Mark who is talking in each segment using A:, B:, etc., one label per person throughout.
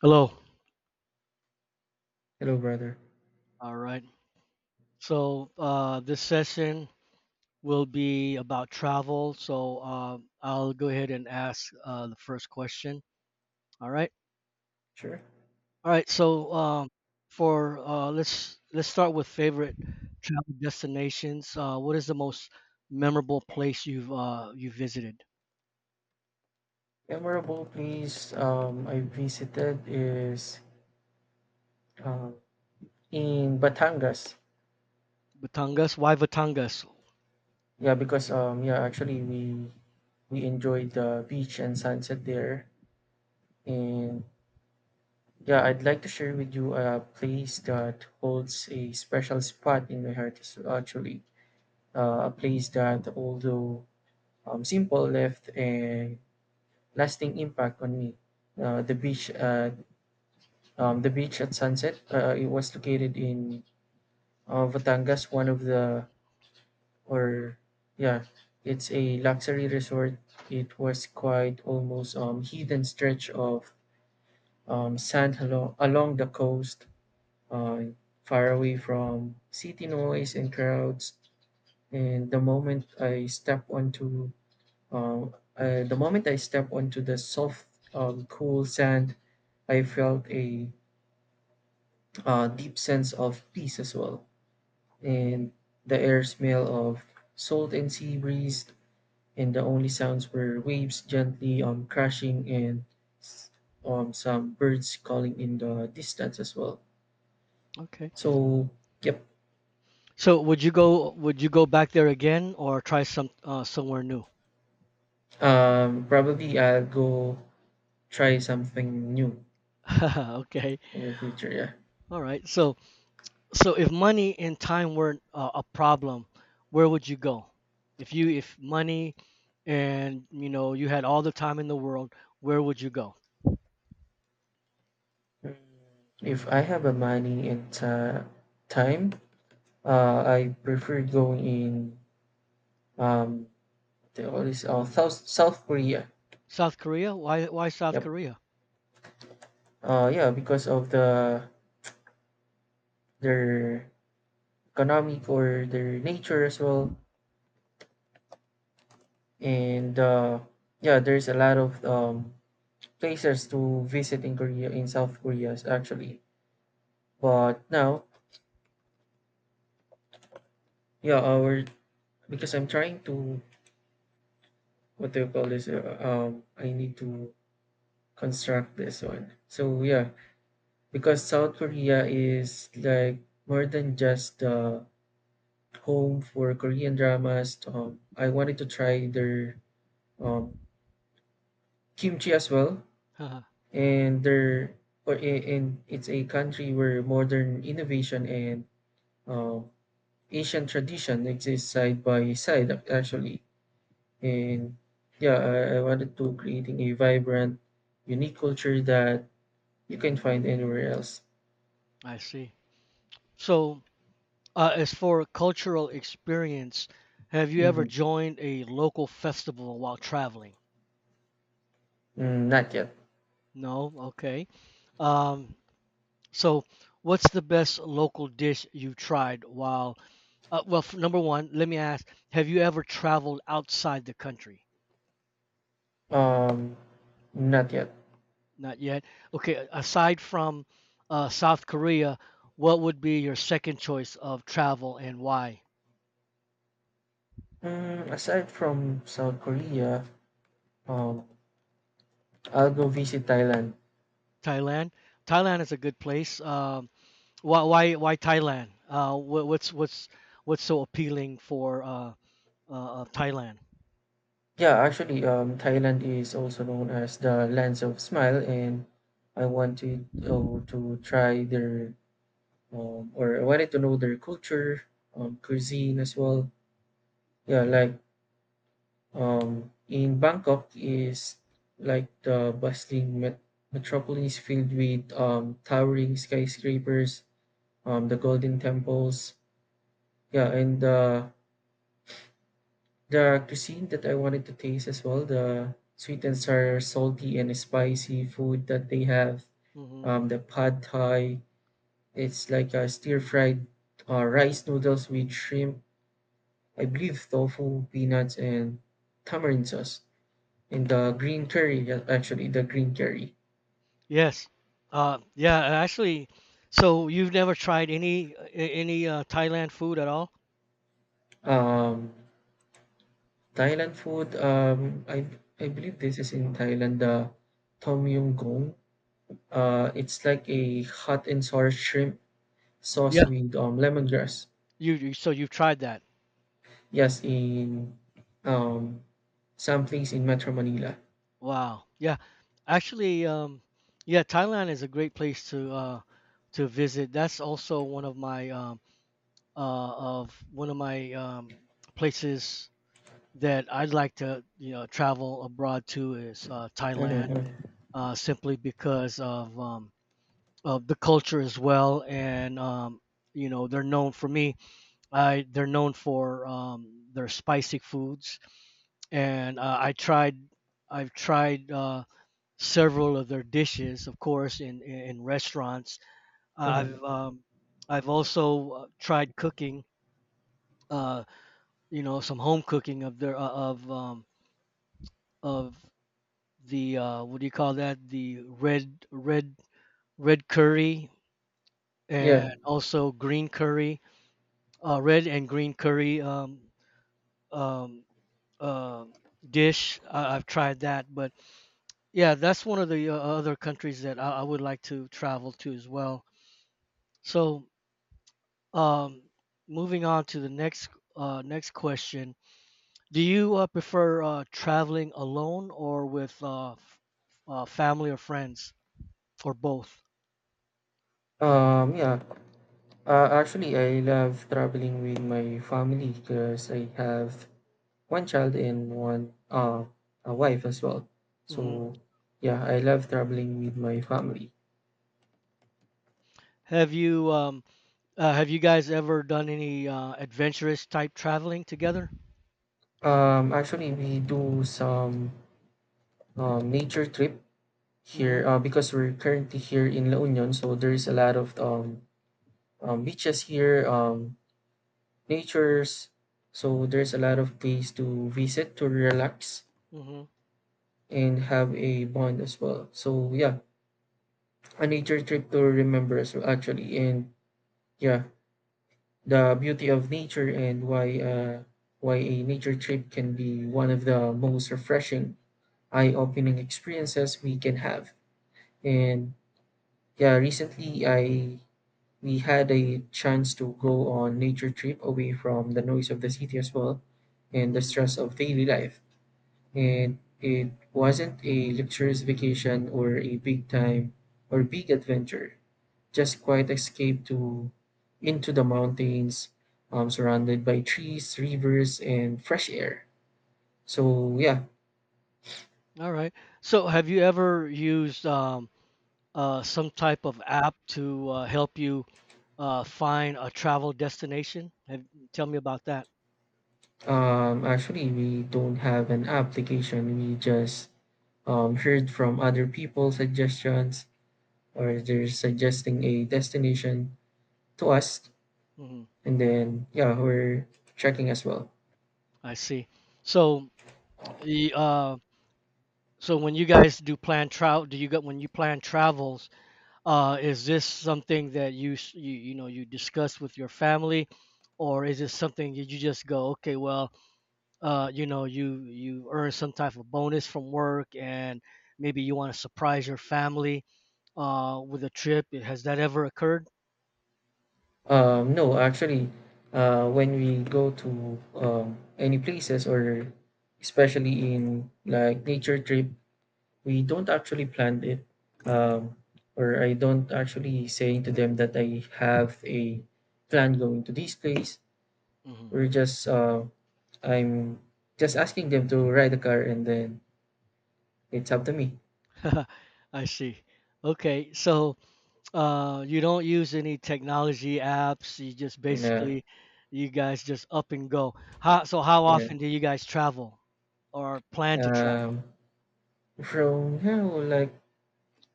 A: Hello.
B: Hello, brother.
A: All right. So this session will be about travel. So I'll go ahead and ask the first question. All right.
B: Sure.
A: All right. So for let's start with favorite travel destinations. What is the most memorable place you visited?
B: Memorable place I visited is um, in Batangas.
A: Batangas. Why Batangas?
B: Yeah, because yeah, actually we enjoyed the beach and sunset there. And yeah, I'd like to share with you a place that holds a special spot in my heart. Is actually a place that, although simple, left a lasting impact on me. Uh, the beach at the beach at sunset. It was located in Batangas, one of the, or yeah, it's a luxury resort. It was quite almost hidden stretch of sand along the coast, uh, far away from city noise and crowds. And the moment I step onto the soft cool sand, I felt a deep sense of peace as well. And the air smell of salt and sea breeze, and the only sounds were waves gently crashing, and s- some birds calling in the distance as well.
A: Okay.
B: So, yep,
A: So would you go back there again or try some somewhere new?
B: probably I'll go try something new
A: Okay.
B: in the future. Yeah.
A: All right. So if money and time weren't a problem, where would you go? If money and you know you had all the time in the world, where would you go?
B: Mm. If I have a money and time, I prefer going in um, the all this South Korea.
A: South Korea? Why South
B: Yep,
A: Korea?
B: yeah, because of their economic or their nature as well. And yeah, there's a lot of places to visit in Korea, in South Korea, actually, but now yeah our because I'm trying to, what do you call this, I need to construct this one, so yeah, because South Korea is like more than just home for Korean dramas. I wanted to try their um, kimchi as well.
A: Haha,
B: And there, or and it's a country where modern innovation and uh, Asian tradition exist side by side, actually. And yeah, I wanted to creating a vibrant unique culture that you can find anywhere else.
A: I see. So as for cultural experience, have you ever
B: Hmm.
A: joined a local festival while traveling?
B: Mm, not yet.
A: No? Okay. Um, so what's the best local dish you tried while number one, let me ask: Have you ever traveled outside the country?
B: um Not yet.
A: Not yet. Okay. Aside from South Korea, what would be your second choice of travel and why?
B: Mm, aside from South Korea, um I'll go visit Thailand.
A: Thailand. Thailand is a good place. Why Thailand? What's what's so appealing for Thailand?
B: Yeah, actually, Thailand is also known as the lands of smile, and I wanted oh, to try their I wanted to know their culture, cuisine as well. Yeah, like, in Bangkok is like the bustling metropolis filled with towering skyscrapers, the golden temples. Yeah. And the cuisine that I wanted to taste as well, the sweet and sour, salty and spicy food that they have.
A: Hmm
B: The pad thai, it's like a stir fried rice noodles with shrimp, I believe, tofu, peanuts, and tamarind sauce. And the green curry. Yeah, actually, the green curry.
A: Yes. Yeah. Actually, so you've never tried any Thailand food at all?
B: Um, Thailand food, I believe this is in Thailand, the tom yum goong.
A: Uh,
B: It's like a hot and sour shrimp sauce
A: Yeah.
B: with lemongrass.
A: You so you've tried that.
B: Yes, in um, some place in Metro Manila.
A: Wow. Yeah. Actually, yeah, Thailand is a great place to visit. That's also one of my uh of one of my places that I'd like to, you know, travel abroad to is Thailand,
B: Mm-hmm.
A: simply because of the culture as well and you know, they're known for their spicy foods and I've tried several of their dishes, of course, in restaurants. Have
B: Mm-hmm.
A: I've also tried cooking, uh, you know, some home cooking of their of the what do you call that? The red red red curry
B: Yeah.
A: and also green curry, red and green curry um, uh, dish. I've tried that, but yeah, that's one of the other countries that I would like to travel to as well. So Um, moving on to the next question. Do you prefer traveling alone or with family or friends or both?
B: Yeah. Actually, I love traveling with my family because I have one child and one a wife as well.
A: Hmm
B: So, yeah, I love traveling with my family.
A: Have you um, have you guys ever done any adventurous type traveling together?
B: Actually, we do some nature trip here
A: Hmm
B: because we're currently here in La Union, so there's a lot of beaches here, natures. So there's a lot of place to visit to relax
A: hmm
B: and have a bond as well. So yeah, a nature trip to remember as well, actually. And yeah, the beauty of nature, and why a nature trip can be one of the most refreshing, eye-opening experiences we can have. And yeah, recently I we had a chance to go on nature trip away from the noise of the city as well and the
A: hmm
B: stress of daily life. And it wasn't a luxurious vacation or a big time or big adventure, just quiet escape to into the mountains, surrounded by trees, rivers, and fresh air. So yeah.
A: All right. So have you ever used some type of app to help you find a travel destination? Tell me about that.
B: Actually, we don't have an application. We just heard from other people suggestions, or they're suggesting a destination to us,
A: Mm-hmm.
B: and then yeah, we're checking as well.
A: I see. So, y- uh, so when you guys do plan travel, do you got when you plan travels, is this something that you you know you discuss with your family, or is it something that you just go, okay, well, you know, you earn some type of bonus from work and maybe you want to surprise your family with a trip. Has that ever occurred?
B: No, actually, when we go to any places, or especially in like nature trip, we don't actually plan it. Um, or I don't actually say to them that I have a plan going to this place.
A: Hmm
B: We're just I'm just asking them to ride the car, and then it's up to me.
A: I see. Okay, so. You don't use any technology apps. You just
B: And
A: basically, you guys just up and go. So how
B: yeah.
A: often do you guys travel or plan to travel?
B: um, from now, like,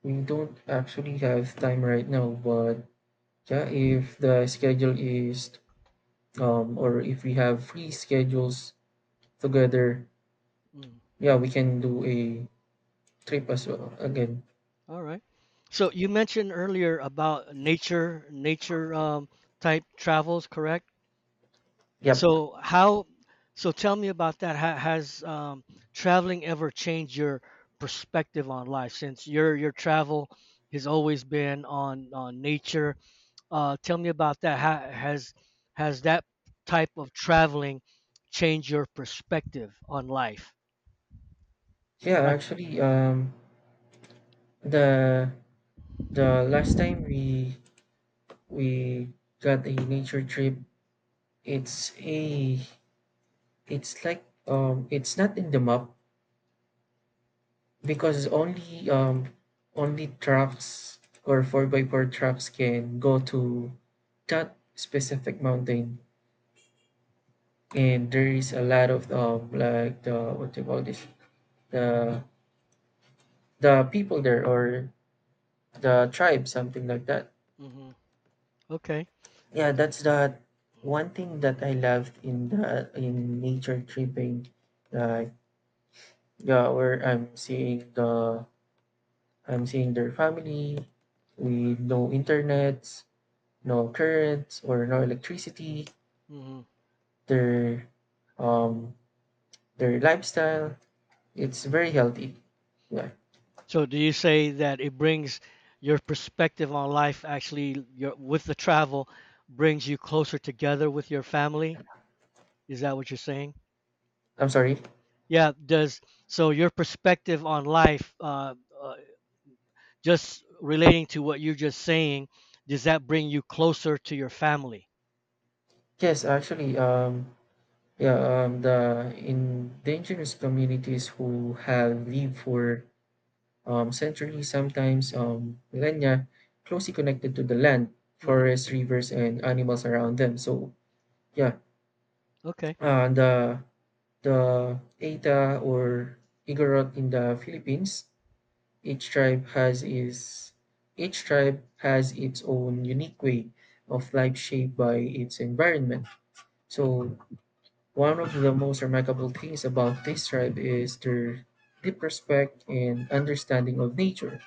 B: we don't actually have time right now, but yeah, if the schedule is or if we have free schedules together,
A: Mm,
B: yeah, we can do a trip as well again.
A: all right. So you mentioned earlier about nature, type travels, correct?
B: Yep.
A: So how, so tell me about that. Ha has traveling ever changed your perspective on life since your travel has always been on nature tell me about that. Ha has that type of traveling changed your perspective on life?
B: Yeah,
A: Like,
B: actually, the the last time we got a nature trip, it's a it's like, it's not in the map because only trucks or four by four trucks can go to that specific mountain. And there is a lot of like, the, what do you call this, the the people there, or the tribe, something like that.
A: hmm okay.
B: Yeah, that's the one thing that I loved in the in nature tripping. Like, yeah, where I'm seeing their family with no internet, no currents or no electricity.
A: hmm
B: Their um their lifestyle, it's very healthy. Yeah.
A: So, do you say that it brings your perspective on life actually your, with the travel brings you closer together with your family? Is that what you're saying?
B: I'm sorry.
A: Yeah, does so your perspective on life, uh, just relating to what you're just saying, does that bring you closer to your family?
B: Yes, actually, yeah, the indigenous communities who have lived for centuries, sometimes millennia, closely connected to the land,
A: Hmm
B: forests, rivers, and animals around them. So, yeah,
A: Okay,
B: uh, the the eta or Igorot in the Philippines, each tribe has is each tribe has its own unique way of life shaped by its environment. So, one of the most remarkable things about this tribe is their deep respect and understanding of nature.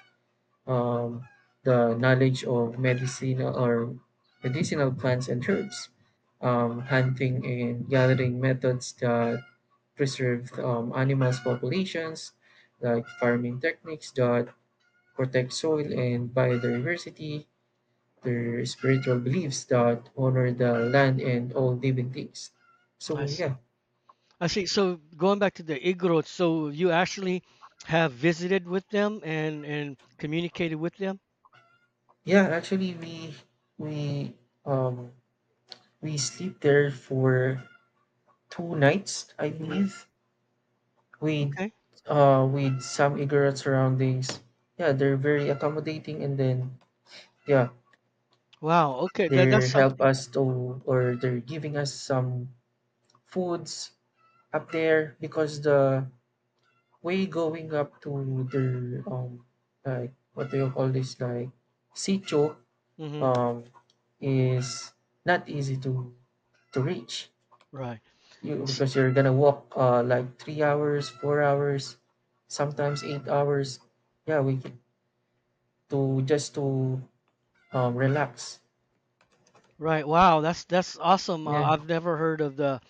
B: Um, the knowledge of medicinal plants and herbs, hunting and gathering methods that preserve animals' populations, like farming techniques that protect soil and biodiversity, their spiritual beliefs that honor the land and all living things.
A: I
B: So yeah.
A: see. I see. So going back to the Igorot, so you actually have visited with them and communicated with them?
B: Yeah, actually, we um we sleep there for 2 nights, I
A: Mhm.
B: believe. We
A: Okay.
B: With some ignorant surroundings. Yeah, they're very accommodating, and then yeah,
A: Wow. Okay. That
B: they
A: that's
B: help
A: something.
B: us to or they're giving us some foods up there because the way going up to their, like, what do you call this, like, sitio,
A: Hmm
B: um is not easy to reach
A: Right.
B: you
A: S-
B: because you're gonna walk like 3 hours, 4 hours, sometimes 8 hours. Yeah, we get to, just to, relax.
A: Right. Wow. That's awesome.
B: Yeah.
A: I've never heard of the.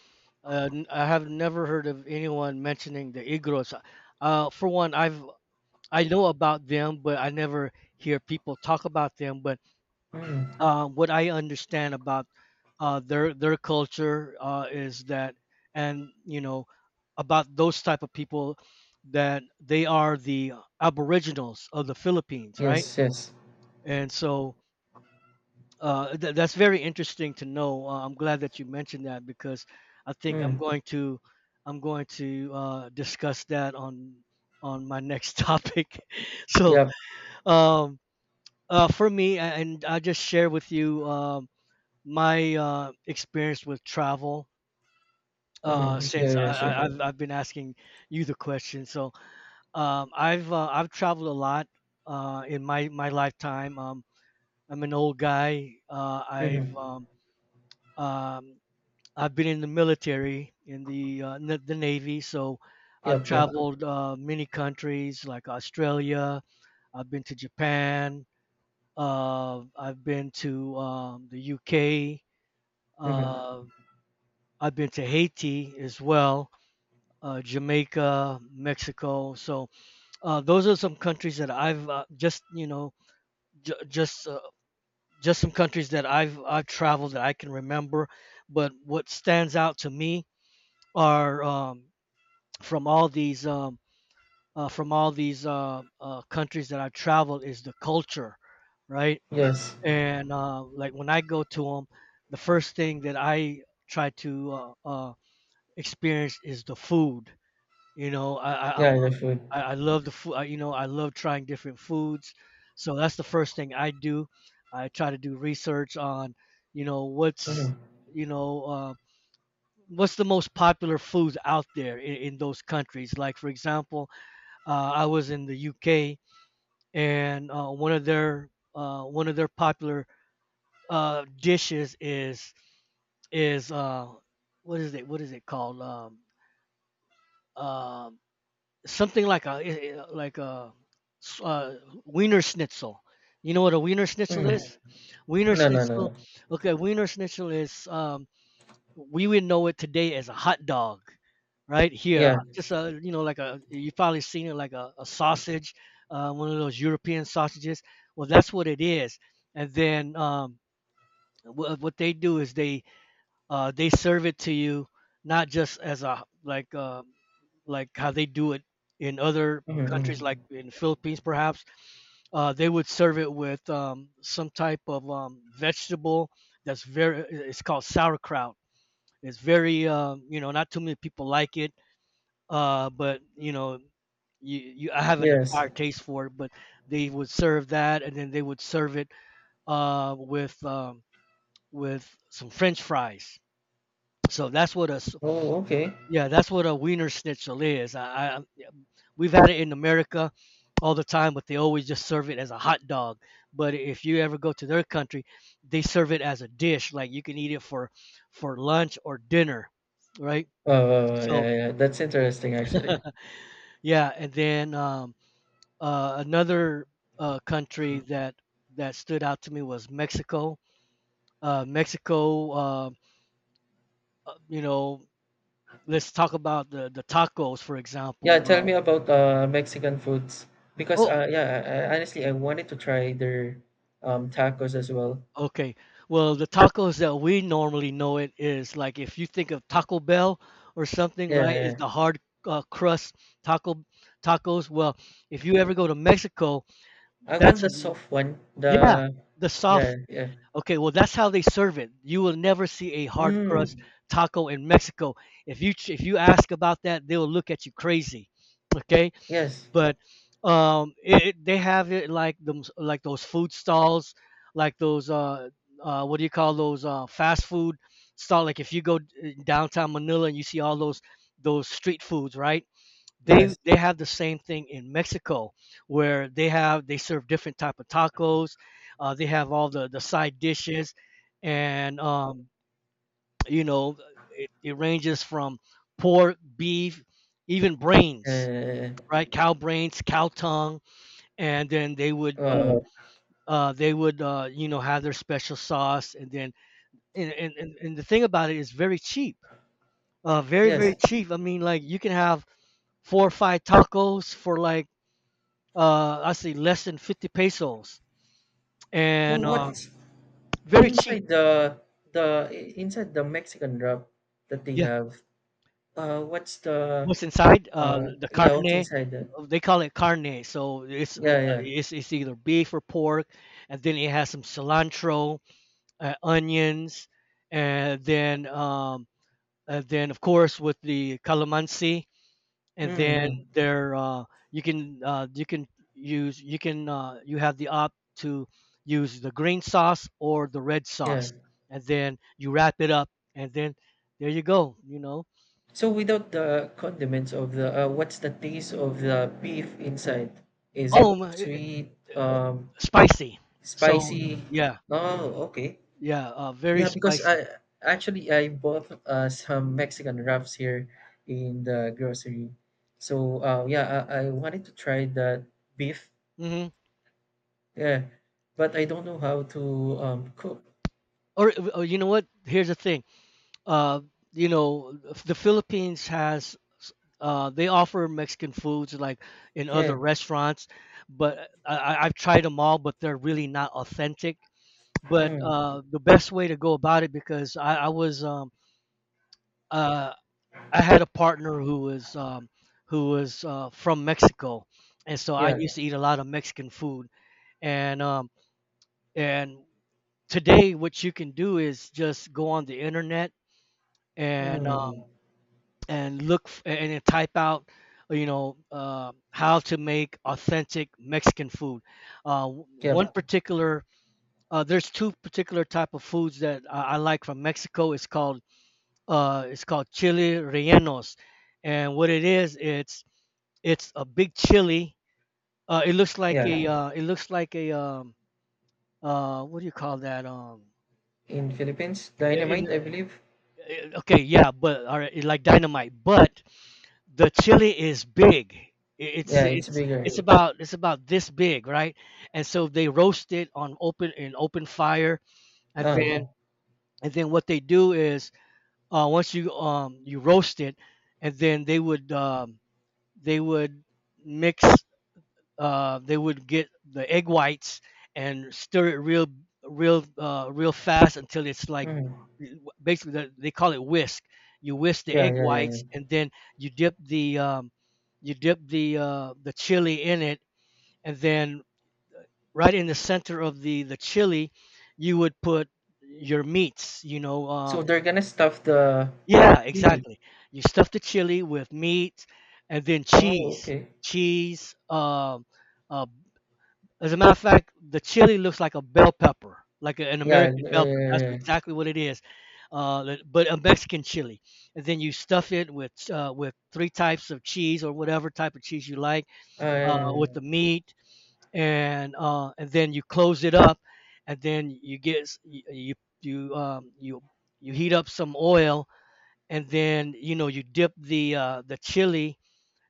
A: I have never heard of anyone mentioning the Igorots. For one, I know about them, but I never hear people talk about them. But
B: Mm.
A: what I understand about their culture is that, and you know, about those type of people that they are the aboriginals of the Philippines, right?
B: Yes, yes.
A: And so that's very interesting to know. I'm glad that you mentioned that because I think I'm
B: Mm.
A: going to I'm going to discuss that on my next topic. So
B: Yep.
A: um, and I just share with you. My experience with travel uh,
B: Mm-hmm. Yeah,
A: since I,
B: yeah, sure.
A: I, I've, I've been asking you the question. So I've traveled a lot in my lifetime. I'm an old guy.
B: Mm-hmm.
A: Um, I've been in the military in the the Navy. So I've
B: Yep, yep.
A: traveled many countries like Australia. I've been to Japan. I've been to the UK.
B: Mm-hmm.
A: I've been to Haiti as well, Jamaica, Mexico. So those are some countries that I've just you know j- just uh, just some countries that I've traveled that I can remember. But what stands out to me are from all these um, from all these countries that I've traveled is the culture, right?
B: Yes.
A: And like when I go to them, the first thing that I try to experience is the food You know, I'm
B: Yeah,
A: a,
B: yeah, food.
A: I love the food. You know, I love trying different foods. So that's the first thing I do. I try to do research on, you know,
B: Mm-hmm.
A: you know, what's the most popular foods out there in those countries. Like for example, I was in the UK, and one of their popular dishes is is uh, what is it? What is it called? Um, something like a like a s- uh, wiener schnitzel. You know what a wiener schnitzel
B: Mm.
A: is? Wiener
B: No, no, no, no.
A: schnitzel. Okay, wiener schnitzel is we would know it today as a hot dog, right here.
B: Yeah.
A: Just a you know like a you probably seen it like a sausage, one of those European sausages. Well, that's what it is. And then what they do is they serve it to you not just as a like how they do it in other
B: Mm-hmm.
A: countries,
B: Mm-hmm.
A: like in Philippines perhaps. They would serve it with some type of vegetable that's very. It's called sauerkraut. It's very you know not too many people like it, but you know you, you I haven't
B: Yes.
A: acquired taste for it, but they would serve that, and then they would serve it with with some French fries. So that's what a
B: Oh, okay.
A: Yeah, that's what a Wiener Schnitzel is. I yeah, we've had it in America all the time, but they always just serve it as a hot dog. But if you ever go to their country, they serve it as a dish. Like you can eat it for lunch or dinner, right?
B: Yeah,
A: So
B: yeah, that's interesting actually.
A: yeah, and then another country that that stood out to me was Mexico. Mexico, you know, let's talk about the tacos, for
B: Yeah, tell me
A: example.
B: about Mexican foods, because
A: Oh,
B: yeah, honestly, I wanted to try their tacos as well.
A: Okay. Well, the tacos that we normally know it is like if you think of Taco Bell or something,
B: Yeah, yeah,
A: right? Is
B: yeah.
A: the hard crust taco tacos. Well, if you ever go to Mexico,
B: I want
A: that's
B: the
A: an
B: soft one.
A: yeah,
B: The
A: the
B: Yeah,
A: soft.
B: yeah.
A: Okay, well that's how they serve it. You will never see a hard
B: Mm,
A: crust Mm. taco in Mexico. If you ask about that, they'll look at you crazy. Okay
B: yes,
A: but um it, it- they have it like those food stalls like those uh, what do you call those fast food stall. Like if you go downtown Manila and you see all those street foods, right? they
B: yes.
A: they have the same thing in Mexico, where they serve different type of tacos. They have all the side dishes, and, you know, it ranges from pork, beef, even brains,
B: Uh,
A: right? Cow brains, cow tongue. And then they would
B: uh,
A: uh, uh, they would uh, you know, have their special sauce. And then and the thing about it is very cheap. Very, very
B: yes.
A: cheap. I mean, like, you can have four or five tacos for like, I say, less than 50 pesos.
B: So
A: And
B: what's
A: very cheap.
B: inside inside the Mexican wrap that they
A: Yeah.
B: have? What's the
A: What's inside
B: uh?
A: the
B: Yeah,
A: carne?
B: what's inside that?
A: They call it carne, so it's uh,
B: Yeah, yeah.
A: it's, it's either beef or pork. And then it has some cilantro, onions, and then um, and then of course with the calamansi,
B: Mm,
A: and then
B: mm,
A: there you can you can you have the opt to use the green sauce or the red
B: yeah.
A: sauce, and then you wrap it up, and then there you go. You know,
B: So without the condiments of the, what's the taste of the beef inside? Is
A: oh
B: it
A: my,
B: sweet,
A: it, uh, spicy. So
B: spicy?
A: yeah,
B: Oh, okay.
A: yeah, very
B: Yeah, because
A: spicy.
B: I actually I bought some Mexican wraps here in the grocery. So yeah, I wanted to try that beef.
A: Hmm.
B: Yeah, but I don't know how to cook.
A: Or, you know what? Here's the thing. uh, you know, the Philippines has, they offer Mexican foods like in
B: Yeah.
A: other restaurants, but I've tried them all, but they're really not authentic. But
B: Mm.
A: the best way to go about it, because uh, I had a partner who was from Mexico, and so I
B: Yeah.
A: used to eat a lot of Mexican food. And um, and today, what you can do is just go on the internet and um,
B: Mm.
A: and look and type out, you know, how to make authentic Mexican food. One
B: Yep.
A: particular, there's two particular type of foods that I like from Mexico. It's called, it's called chili rellenos. And what it is, it's a big chili.
B: Yeah.
A: It looks like a what do you call that,
B: In Philippines,
A: in,
B: dynamite, I
A: in-
B: believe.
A: okay, yeah, but all right like dynamite, but the chili is big. It's
B: Yeah, it's
A: it's
B: bigger.
A: it's about it's about this big, right? And so they roast it on open, in open fire, and
B: Oh,
A: then, and then what they do is, once you you roast it, and then they would they would mix, they would get the egg whites and stir it real, real fast until it's like,
B: mhm.
A: basically they call it whisk. You whisk the
B: Yeah,
A: egg
B: yeah, yeah,
A: whites,
B: yeah.
A: and then you dip the um, you dip the chili in it, and then right in the center of the chili, you would put your meats, you know.
B: So they're gonna stuff the
A: Yeah,
B: chili.
A: exactly. You stuff the chili with meat and then
B: Oh,
A: cheese,
B: okay.
A: cheese. Uh, as a matter of fact, the chili looks like a bell pepper, like an
B: Yeah,
A: American
B: yeah, yeah,
A: bell pepper. That's
B: yeah, yeah.
A: exactly what it is. But a Mexican chili. And then you stuff it with three types of cheese or whatever type of cheese you like,
B: Ah, yeah.
A: with the meat, and then you close it up, and then you get s- y- you you you heat up some oil, and then, you know, you dip the chili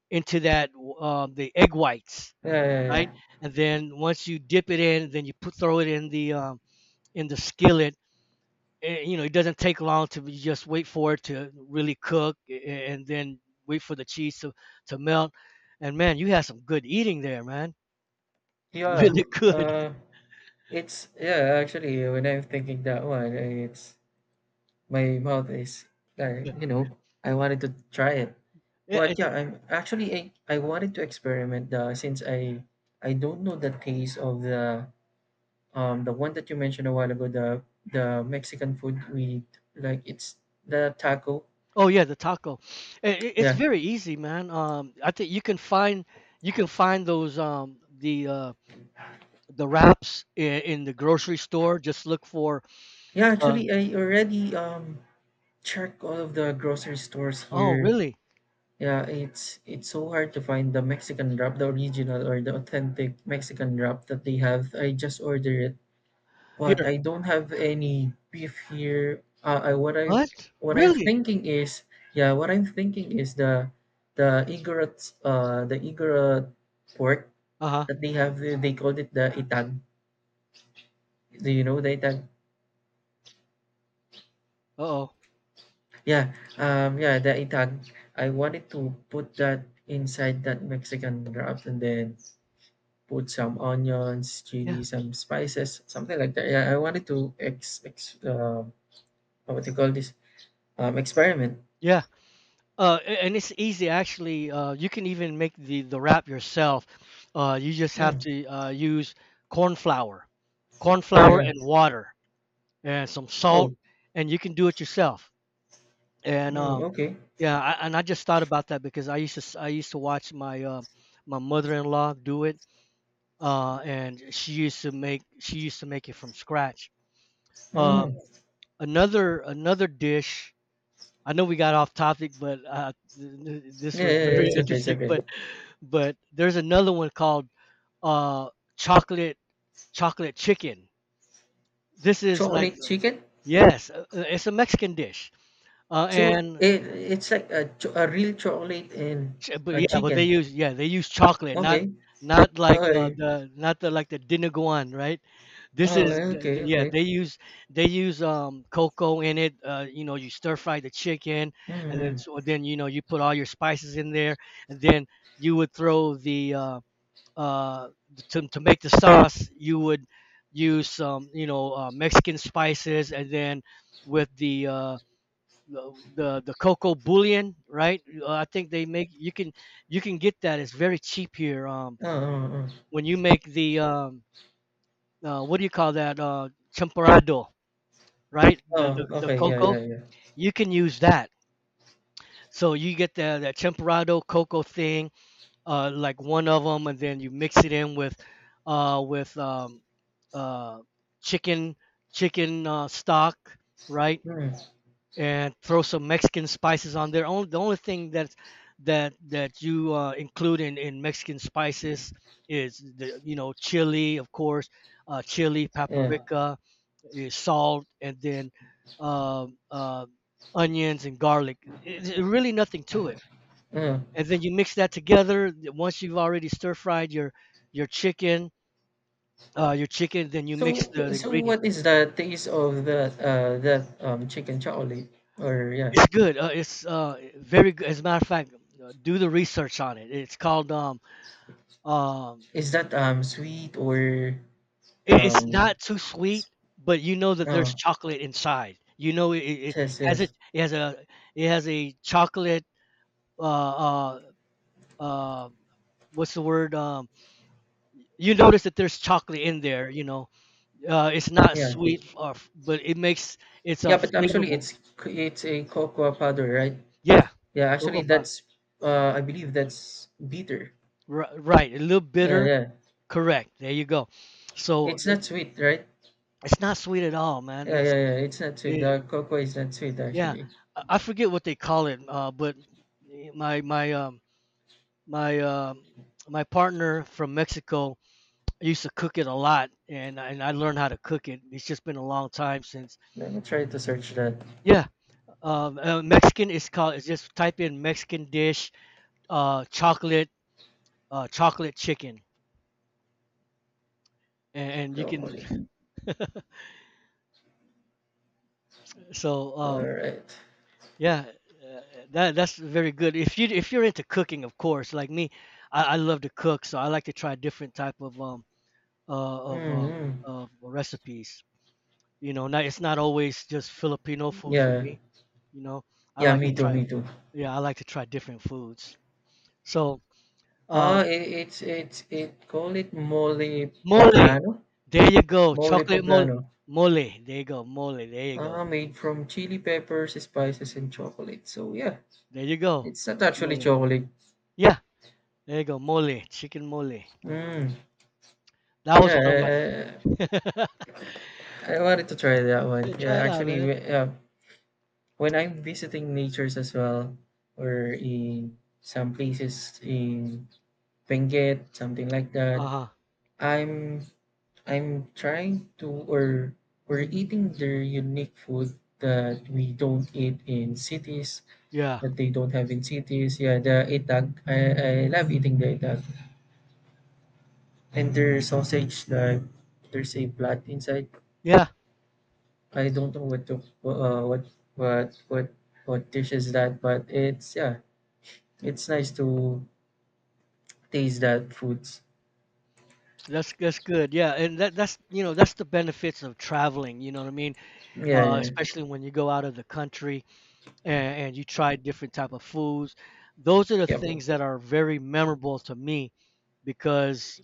A: into the egg whites,
B: Yeah, yeah. Yeah, yeah,
A: right?
B: yeah.
A: And then once you dip it in, then you put throw it in the skillet. Eh, you know, it doesn't take long to just wait for it to really cook, and then wait for the cheese to melt. And man, you had some good eating there, man.
B: Yeah.
A: Really good.
B: Uh, it's yeah. Actually, when I'm thinking that one, it's my mouth is like,
A: Yeah.
B: you know, I wanted to try it,
A: Yeah, and
B: but yeah, I wanted to experiment the since I don't know the taste of the one that you mentioned a while ago, the Mexican food we eat, like it's the taco.
A: oh yeah, the taco. It's
B: Yeah,
A: very easy, man. I think you can find, you can find those the wraps in the grocery store. Just look for,
B: yeah.
A: uh.
B: Actually, I already checked all of the grocery stores
A: Oh,
B: here.
A: really?
B: Yeah, it's so hard to find the Mexican wrap, the original or the authentic Mexican wrap that they have. I just order it, but
A: Here?
B: I don't have any beef here. I what I
A: What?
B: What I'm
A: Really?
B: thinking is, yeah, what I'm thinking is the Igorot pork,
A: Uh-huh.
B: that they have, they called it the itan. Do you know the itan?
A: Uh-oh.
B: Yeah, yeah, the itan. I wanted to put that inside that Mexican wrap and then put some onions, chili,
A: Yeah.
B: some spices, something like that. Yeah, I wanted to ex ex what do you call this? Experiment.
A: Yeah. And it's easy, actually. You can even make the wrap yourself. You just have
B: Mm,
A: to use corn flour, corn
B: yeah,
A: flour
B: yeah.
A: and water and some salt,
B: Oh,
A: and you can do it yourself. And
B: mm,
A: um,
B: okay.
A: yeah, and I just thought about that because I used to I used to watch my my mother-in-law do it. And she used to make it from scratch. Um,
B: Mm,
A: another, another dish, I know we got off topic, but
B: yeah,
A: this
B: yeah,
A: was
B: yeah,
A: very
B: it's okay, it's
A: interesting.
B: okay.
A: But there's another one called, uh, chocolate, chocolate chicken. This is like,
B: Chocolate chicken.
A: yes, it's a Mexican dish, uh,
B: So
A: and
B: it's like a real chocolate and
A: But
B: a
A: yeah, but they
B: chicken.
A: use, yeah, they use chocolate, not,
B: Okay.
A: not like
B: Okay.
A: the not the like the Dinuguan, right? This
B: Oh,
A: is
B: well, okay,
A: yeah,
B: okay.
A: they use, they use cocoa in it. You know, you stir fry the chicken,
B: Mm,
A: and then, so
B: hmm.
A: then, you know, you put all your spices in there, and then you would throw the uh to make the sauce, you would use some, you know, Mexican spices, and then with the the cocoa bullion, right? I think they make, you can, you can get that. It's very cheap here.
B: Oh, oh,
A: When you make the what do you call that? Champorado, right?
B: oh. Oh,
A: The
B: okay. Yeah,
A: cocoa.
B: yeah, yeah.
A: You can use that. So you get the that champorado cocoa thing, like one of them, and then you mix it in with, uh, with um, uh, chicken, chicken stock, right?
B: Mm,
A: And throw some Mexican spices on there. Only, the only thing that you include in Mexican spices is, the, you know, chili, of course, chili,
B: yeah.
A: paprika, eh, salt, and then um uh, onions and garlic. It, really nothing to it.
B: Uh.
A: And then you mix that together. Once you've already stir fried your, your chicken, your chicken, then you mix
B: So,
A: the
B: so
A: ingredients.
B: what is the taste of that that chicken chocolate, or yeah?
A: It's good. It's very good. As a matter of fact, do the research on it. It's called um,
B: Is that sweet or
A: it, it's
B: um
A: not too sweet, but you know that there's
B: no?
A: chocolate inside. You know, it
B: Yes,
A: has a,
B: yes.
A: it has a, it has a chocolate, uh, uh, uh, what's the word? You notice that there's chocolate in there. You know, it's not
B: Yeah.
A: sweet, but it makes, it's a
B: Yeah, but actually
A: flavorful.
B: it's a cocoa powder, right?
A: Yeah,
B: Yeah, actually
A: cocoa powder.
B: that's I believe that's bitter.
A: Right, a little
B: Yeah,
A: bitter.
B: yeah.
A: Correct. There you go. So,
B: It's not sweet, right?
A: it's not sweet at all, man.
B: Yeah,
A: It's,
B: yeah, yeah. It's not sweet.
A: eh,
B: The cocoa is not sweet
A: yeah.
B: actually.
A: I forget what they call it, but eh, my my um my um my partner from Mexico used to cook it a lot, and and I learned how to cook it. It's just been a long time since.
B: Let me try to search that
A: Yeah, Mexican is called. It's just type in Mexican dish, chocolate, chocolate chicken, and you
B: properly.
A: can. So.
B: Alright.
A: Yeah, uh, that that's very good. If you, if you're into cooking, of course, like me, I love to cook, so I like to try different type of
B: Mm-hmm.
A: of recipes. You know, not, it's not always just Filipino food for
B: Yeah.
A: me. You know, I
B: Yeah,
A: like to
B: me too,
A: try,
B: me too.
A: yeah, I like to try different foods. So, uh,
B: Ah, it call it mole
A: mole,
B: poblano.
A: there you go,
B: Mole
A: chocolate mole,
B: poblano.
A: mole, there you go, mole, you go,
B: Ah, made from chili peppers, spices, and chocolate. So yeah,
A: there you go,
B: it's not actually
A: mole.
B: chocolate.
A: Yeah, there you go, mole, chicken mole.
B: Mm.
A: That was one
B: Yeah, I,
A: of my.
B: I, I wanted to try that one.
A: Yeah,
B: Yeah,
A: try it out,
B: actually,
A: man.
B: when I'm visiting natures as well, or in some places in Benguet, something like that,
A: Uh-huh.
B: I'm I'm trying to or we're eating their unique food that we don't eat in cities,
A: Yeah.
B: that they don't have in cities. Yeah, the itag. I love eating the itag. And their sausage, like, there's a blood inside.
A: Yeah.
B: I don't know what to what what what what dish is that, but it's yeah, it's nice to taste that foods.
A: So that's good. Yeah, and that that's, you know, that's the benefits of traveling. You know what I mean?
B: Yeah,
A: Especially when you go out of the country and you try different type of foods. Those are the
B: yeah. Yep.
A: things that are very memorable to me because,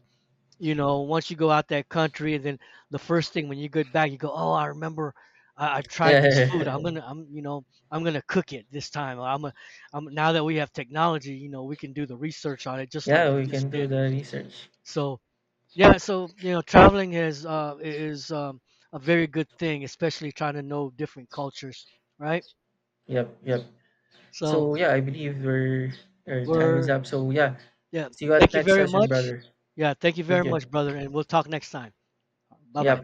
A: you know, once you go out that country and then the first thing when you get back, you go, oh, I remember, I tried
B: Yeah.
A: this food.
B: Yep.
A: I'm gonna I'm You know, I'm gonna cook it this time. I'm a I'm Now that we have technology, you know, we can do the research on it, just like
B: Yeah,
A: you
B: we can
A: just
B: do
A: did.
B: the research.
A: So yeah, so, you know, traveling is is a very good thing, especially trying to know different cultures, right?
B: Yep, yep.
A: So
B: So yeah, I believe we're our time is
A: we're
B: up. So yeah,
A: yeah,
B: see you at
A: thank you
B: next
A: very
B: session,
A: much.
B: brother.
A: Yeah, thank you
B: Thank
A: very
B: you.
A: much, brother, and we'll talk next time. Bye bye.
B: Yep,